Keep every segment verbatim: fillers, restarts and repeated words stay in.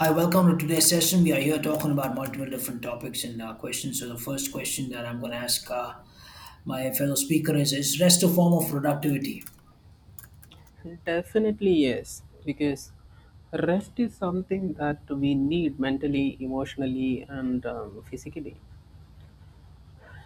Hi, welcome to today's session. We are here talking about multiple different topics and uh, questions. So, the first question that I'm going to ask uh, my fellow speaker is: Is rest a form of productivity? Definitely, yes, because rest is something that we need mentally, emotionally, and um, physically.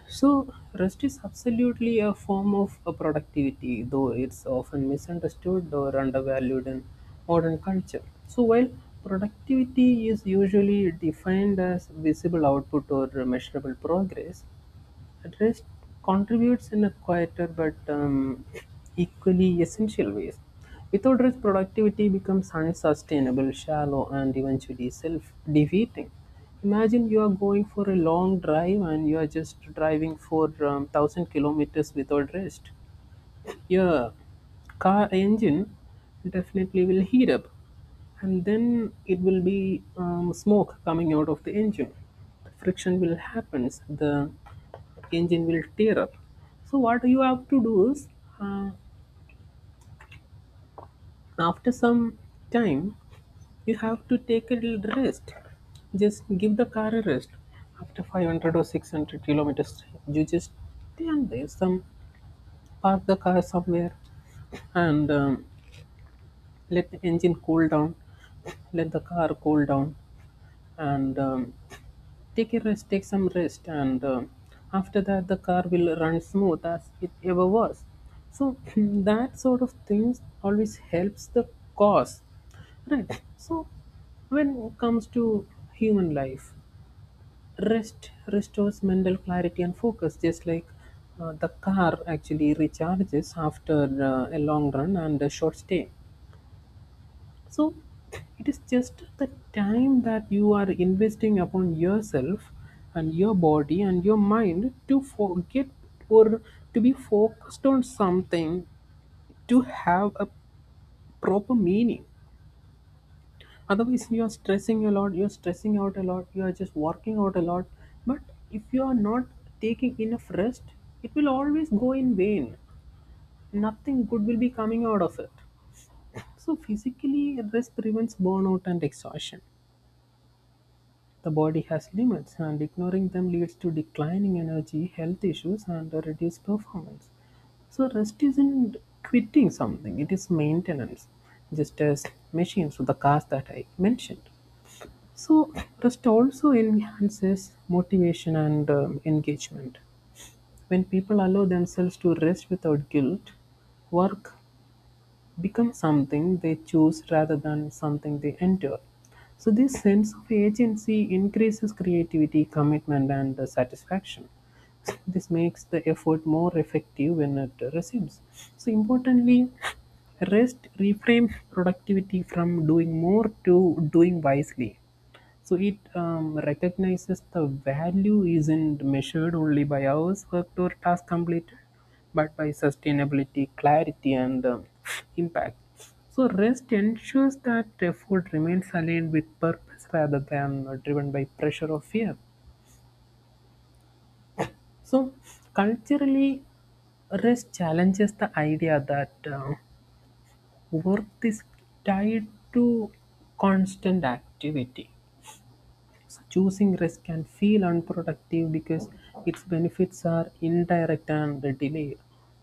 So, rest is absolutely a form of a productivity, though it's often misunderstood or undervalued in modern culture. So, while productivity is usually defined as visible output or measurable progress, Rest contributes in a quieter but um, equally essential ways. Without rest, productivity becomes unsustainable, shallow, and eventually self defeating. Imagine you are going for a long drive and you are just driving for um, one thousand kilometers without rest. Yeah, car engine definitely will heat up, and then it will be um, smoke coming out of the engine. The friction will happens, the engine will tear up. So what you have to do is, uh, after some time, you have to take a little rest. Just give the car a rest. After five hundred or six hundred kilometers, you just stand there, some, park the car somewhere and um, let the engine cool down, let the car cool down, and um, take a rest, take some rest, and um, after that the car will run smooth as it ever was. So that sort of things always helps the cause, right? So when it comes to human life, rest restores mental clarity and focus, just like uh, the car actually recharges after uh, a long run and a short stay. So it is just the time that you are investing upon yourself and your body and your mind to forget or to be focused on something, to have a proper meaning. Otherwise, you are stressing a lot, you are stressing out a lot, you are just working out a lot. But if you are not taking enough rest, it will always go in vain. Nothing good will be coming out of it. So, physically, rest prevents burnout and exhaustion. The body has limits, and ignoring them leads to declining energy, health issues, and a reduced performance. So, rest isn't quitting something, it is maintenance, just as machines, with the cars that I mentioned. So, rest also enhances motivation and um, engagement. When people allow themselves to rest without guilt, work become something they choose rather than something they enter. So, this sense of agency increases creativity, commitment, and uh, satisfaction. This makes the effort more effective when it resumes. So, importantly, rest reframes productivity from doing more to doing wisely. So it um, recognizes the value isn't measured only by hours worked or task completed, but by sustainability, clarity, and um, impact. So rest ensures that effort remains aligned with purpose rather than uh, driven by pressure or fear. So culturally, rest challenges the idea that uh, work is tied to constant activity. So, Choosing rest can feel unproductive because its benefits are indirect and delayed,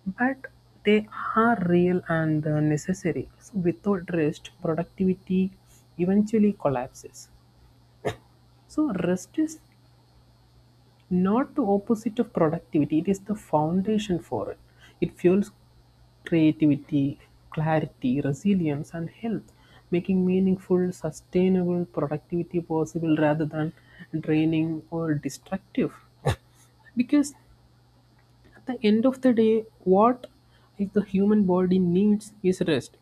but they are real and uh, necessary. So without rest, productivity eventually collapses. So rest is not the opposite of productivity, it is the foundation for it. It fuels creativity, clarity, resilience and health, making meaningful sustainable productivity possible rather than draining or destructive. Because at the end of the day, what is the human body needs is rest.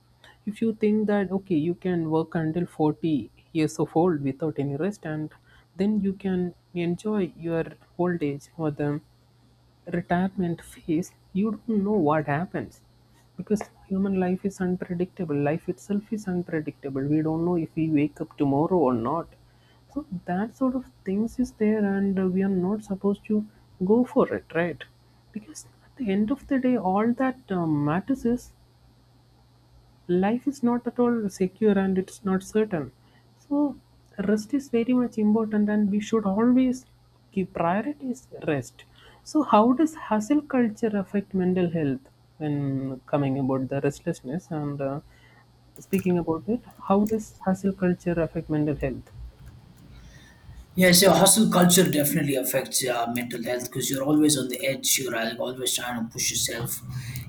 If you think that okay, you can work until forty years of old without any rest, and then you can enjoy your old age or the retirement phase, you don't know what happens, because human life is unpredictable. Life itself is unpredictable. We don't know if we wake up tomorrow or not. So that sort of things is there, and uh, we are not supposed to go for it, right? Because at the end of the day, all that uh, matters is life is not at all secure and it's not certain. So, rest is very much important, and we should always give priorities rest. So, how does hustle culture affect mental health when coming about the restlessness and uh, speaking about it? How does hustle culture affect mental health? Yes, yeah, so hustle culture definitely affects uh, mental health because you're always on the edge, you're uh, always trying to push yourself,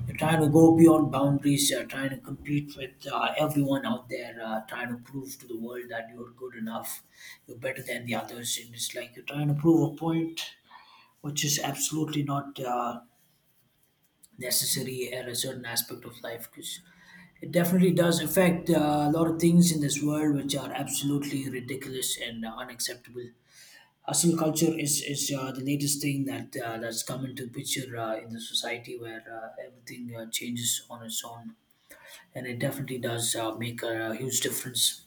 you're trying to go beyond boundaries, you're trying to compete with uh, everyone out there, uh, trying to prove to the world that you're good enough, you're better than the others. And it's like you're trying to prove a point, which is absolutely not. Uh, necessary at a certain aspect of life because it definitely does affect uh, a lot of things in this world which are absolutely ridiculous and uh, unacceptable. Hustle culture is is uh, the latest thing that uh, that's come into picture uh, in the society where uh, everything uh, changes on its own, and it definitely does uh, make a huge difference.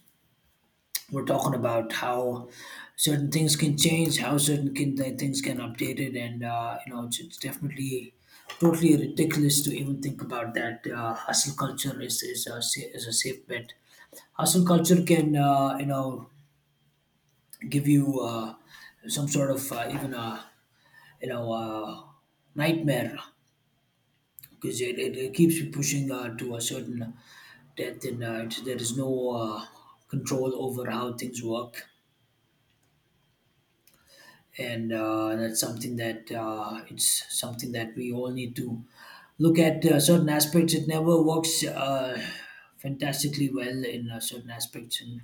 We're talking about how certain things can change, how certain can, th- things can update it, and uh, you know it's, it's definitely totally ridiculous to even think about that. Uh, hustle culture is is a, sa- is a safe bet. Hustle culture can, uh, you know, give you uh, some sort of uh, even a, you know uh, nightmare, because it, it, it keeps you pushing uh, to a certain depth, and uh, it- there is no uh, control over how things work, and uh, that's something that uh, it's something that we all need to look at. Uh, certain aspects it never works uh, fantastically well in uh, certain aspects, and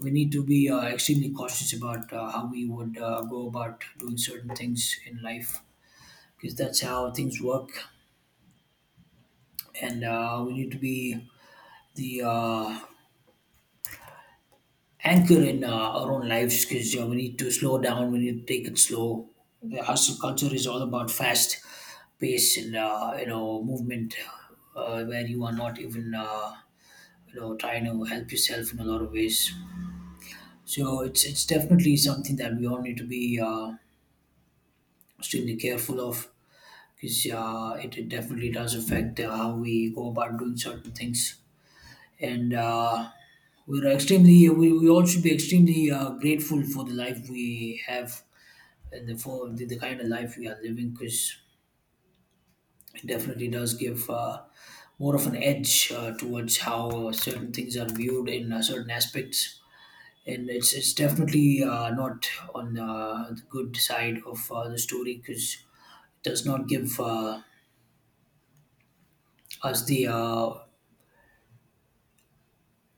we need to be uh, extremely cautious about uh, how we would uh, go about doing certain things in life, because that's how things work. And uh, we need to be the, uh, anchor in uh, our own lives, because you know, we need to slow down. We need to take it slow. The hustle culture is all about fast pace and, uh, you know, movement, uh, where you are not even, uh, you know, trying to help yourself in a lot of ways. So it's it's definitely something that we all need to be uh, extremely careful of, because uh, it, it definitely does affect uh, how we go about doing certain things. And uh, we're extremely we, we all should be extremely uh, grateful for the life we have and the, for the, the kind of life we are living, because it definitely does give uh, more of an edge uh, towards how certain things are viewed in uh, certain aspects, and it's, it's definitely uh, not on uh, the good side of uh, the story, because it does not give uh, us the uh,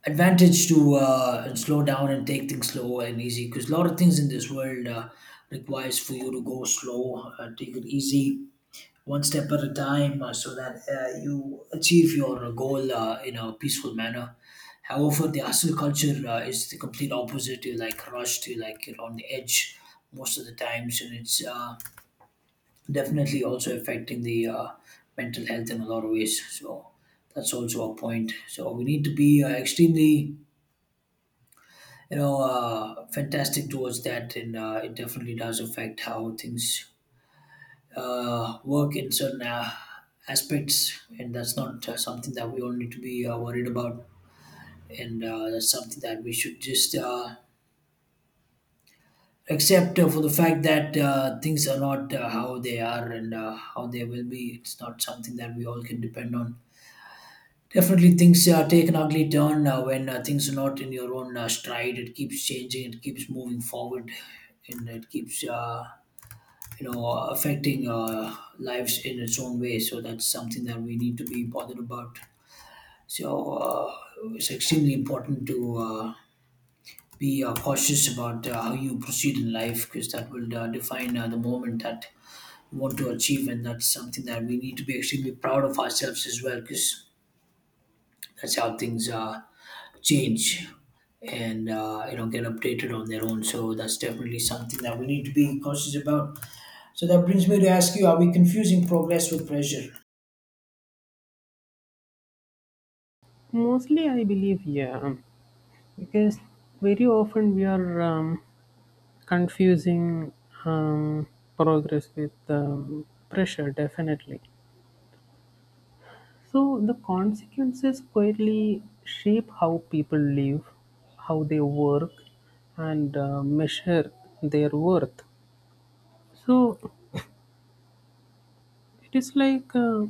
advantage to uh, slow down and take things slow and easy, because a lot of things in this world uh, requires for you to go slow, uh, take it easy one step at a time, uh, so that uh, you achieve your goal uh, in a peaceful manner. However, the hustle culture uh, is the complete opposite. You're like rushed, you're like you're on the edge most of the times, and it's, uh, definitely also affecting the uh, mental health in a lot of ways. So that's also a point. So we need to be uh, extremely, you know, uh, fantastic towards that, and uh, it definitely does affect how things uh, work in certain uh, aspects, and that's not uh, something that we all need to be uh, worried about. And uh, that's something that we should just, uh, accept uh, for the fact that uh, things are not uh, how they are and uh, how they will be. It's not something that we all can depend on. Definitely, things uh, take an ugly turn uh, when uh, things are not in your own uh, stride. It keeps changing, it keeps moving forward, and it keeps, uh, you know, affecting uh, lives in its own way, so that's something that we need to be bothered about. So uh, it's extremely important to uh, be uh, cautious about uh, how you proceed in life, because that will uh, define uh, the moment that you want to achieve, and that's something that we need to be extremely proud of ourselves as well, because that's how things uh, change and uh, you know get updated on their own, so that's definitely something that we need to be cautious about. So that brings me to ask you: Are we confusing progress with pressure? Mostly, I believe, yeah, because very often we are um, confusing um, progress with um, pressure, definitely. So, the consequences quietly shape how people live, how they work, and uh, measure their worth. So, it is like uh,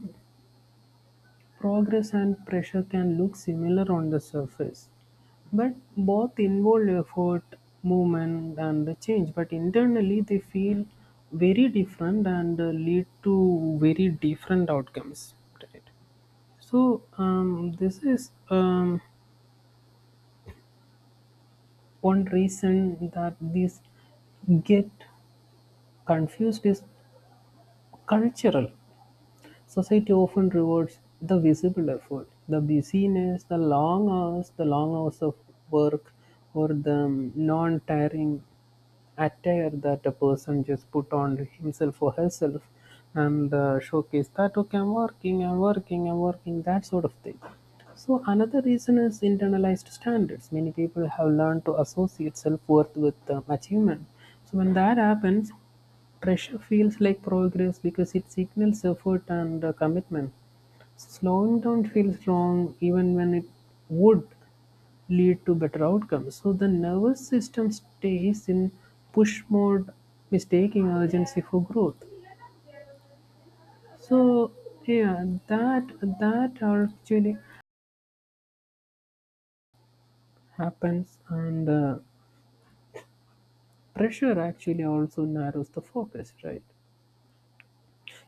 Progress and pressure can look similar on the surface, but both involve effort, movement, and the change. But internally, they feel very different and uh, lead to very different outcomes. Right. So, um, this is um, one reason that these get confused is cultural. Society often rewards the visible effort, the busyness, the long hours, the long hours of work, or the non tiring attire that a person just put on himself or herself and uh, showcase that okay, i'm working i'm working i'm working that sort of thing. So another reason is internalized standards. Many people have learned to associate self-worth with um, achievement. So when that happens, Pressure feels like progress because it signals effort and uh, commitment. Slowing down feels wrong even when it would lead to better outcomes. So the nervous system stays in push mode, mistaking urgency for growth. So yeah, that that actually happens, and uh, pressure actually also narrows the focus, right?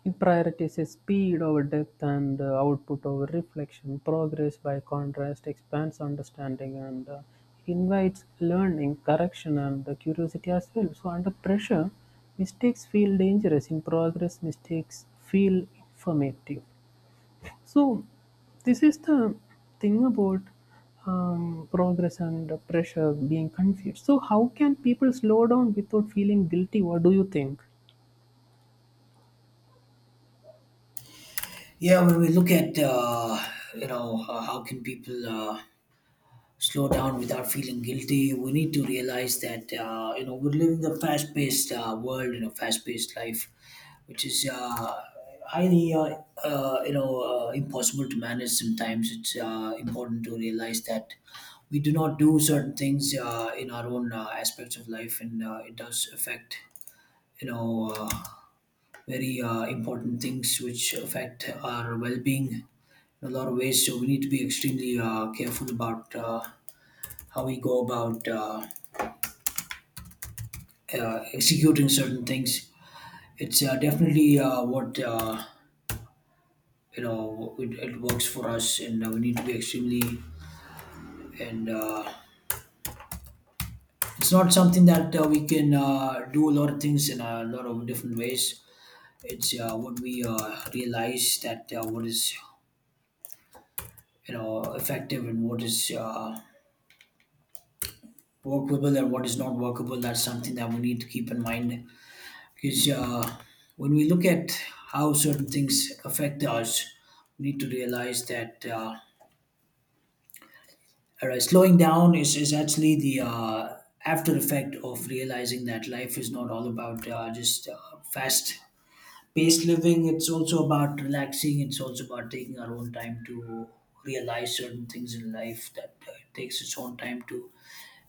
It prioritizes speed over depth and uh, output over reflection. Progress, by contrast, expands understanding and uh, invites learning, correction, and uh, curiosity as well. So, under pressure, mistakes feel dangerous. In progress, mistakes feel informative. So, this is the thing about um, progress and uh, pressure being confused. So, how can people slow down without feeling guilty? What do you think? Yeah, when we look at, uh, you know, uh, how can people uh, slow down without feeling guilty, we need to realize that uh, you know we're living a fast-paced uh, world, you know, fast-paced life, which is uh, highly uh, uh, you know uh, impossible to manage. Sometimes it's uh, important to realize that we do not do certain things uh, in our own uh, aspects of life, and uh, it does affect you know. Uh, very uh, important things which affect our well-being in a lot of ways. So we need to be extremely uh, careful about uh, how we go about uh, uh, executing certain things. It's uh, definitely uh, what uh, you know it, it works for us, and uh, we need to be extremely and. Uh, it's not something that uh, we can uh, do a lot of things in a lot of different ways. It's uh, what we uh, realize that uh, what is, you know, effective and what is uh, workable and what is not workable. That's something that we need to keep in mind, because uh, when we look at how certain things affect us, we need to realize that, uh, all right, slowing down is, is actually the uh, after effect of realizing that life is not all about uh, just uh, fast paced living. It's also about relaxing, it's also about taking our own time to realize certain things in life, that uh, it takes its own time to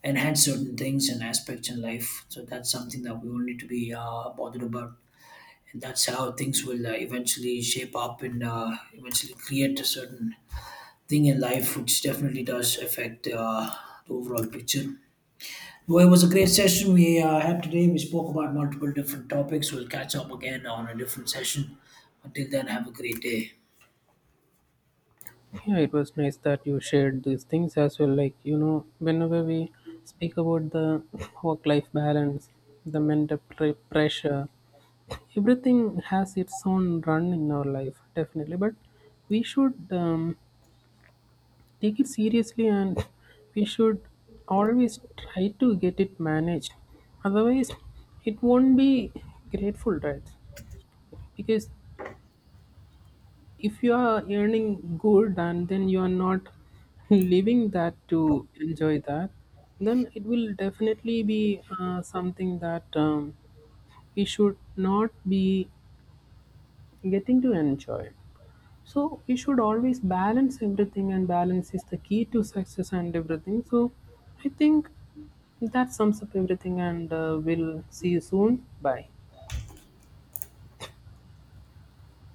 enhance certain things and aspects in life. So that's something that we all need to be uh, bothered about, and that's how things will uh, eventually shape up and uh, eventually create a certain thing in life, which definitely does affect uh, the overall picture. Well, it was a great session we uh, had today. We spoke about multiple different topics. We'll catch up again on a different session. Until then, have a great day. Yeah, it was nice that you shared these things as well. Like, you know, whenever we speak about the work life balance, the mental pre- pressure, everything has its own run in our life, definitely. But we should um, take it seriously, and we should always try to get it managed. Otherwise, it won't be grateful, right? Because if you are earning good and then you are not leaving that to enjoy that, then it will definitely be uh, something that um, we should not be getting to enjoy. So we should always balance everything, and balance is the key to success and everything. So I think that sums up everything, and uh, we'll see you soon. Bye.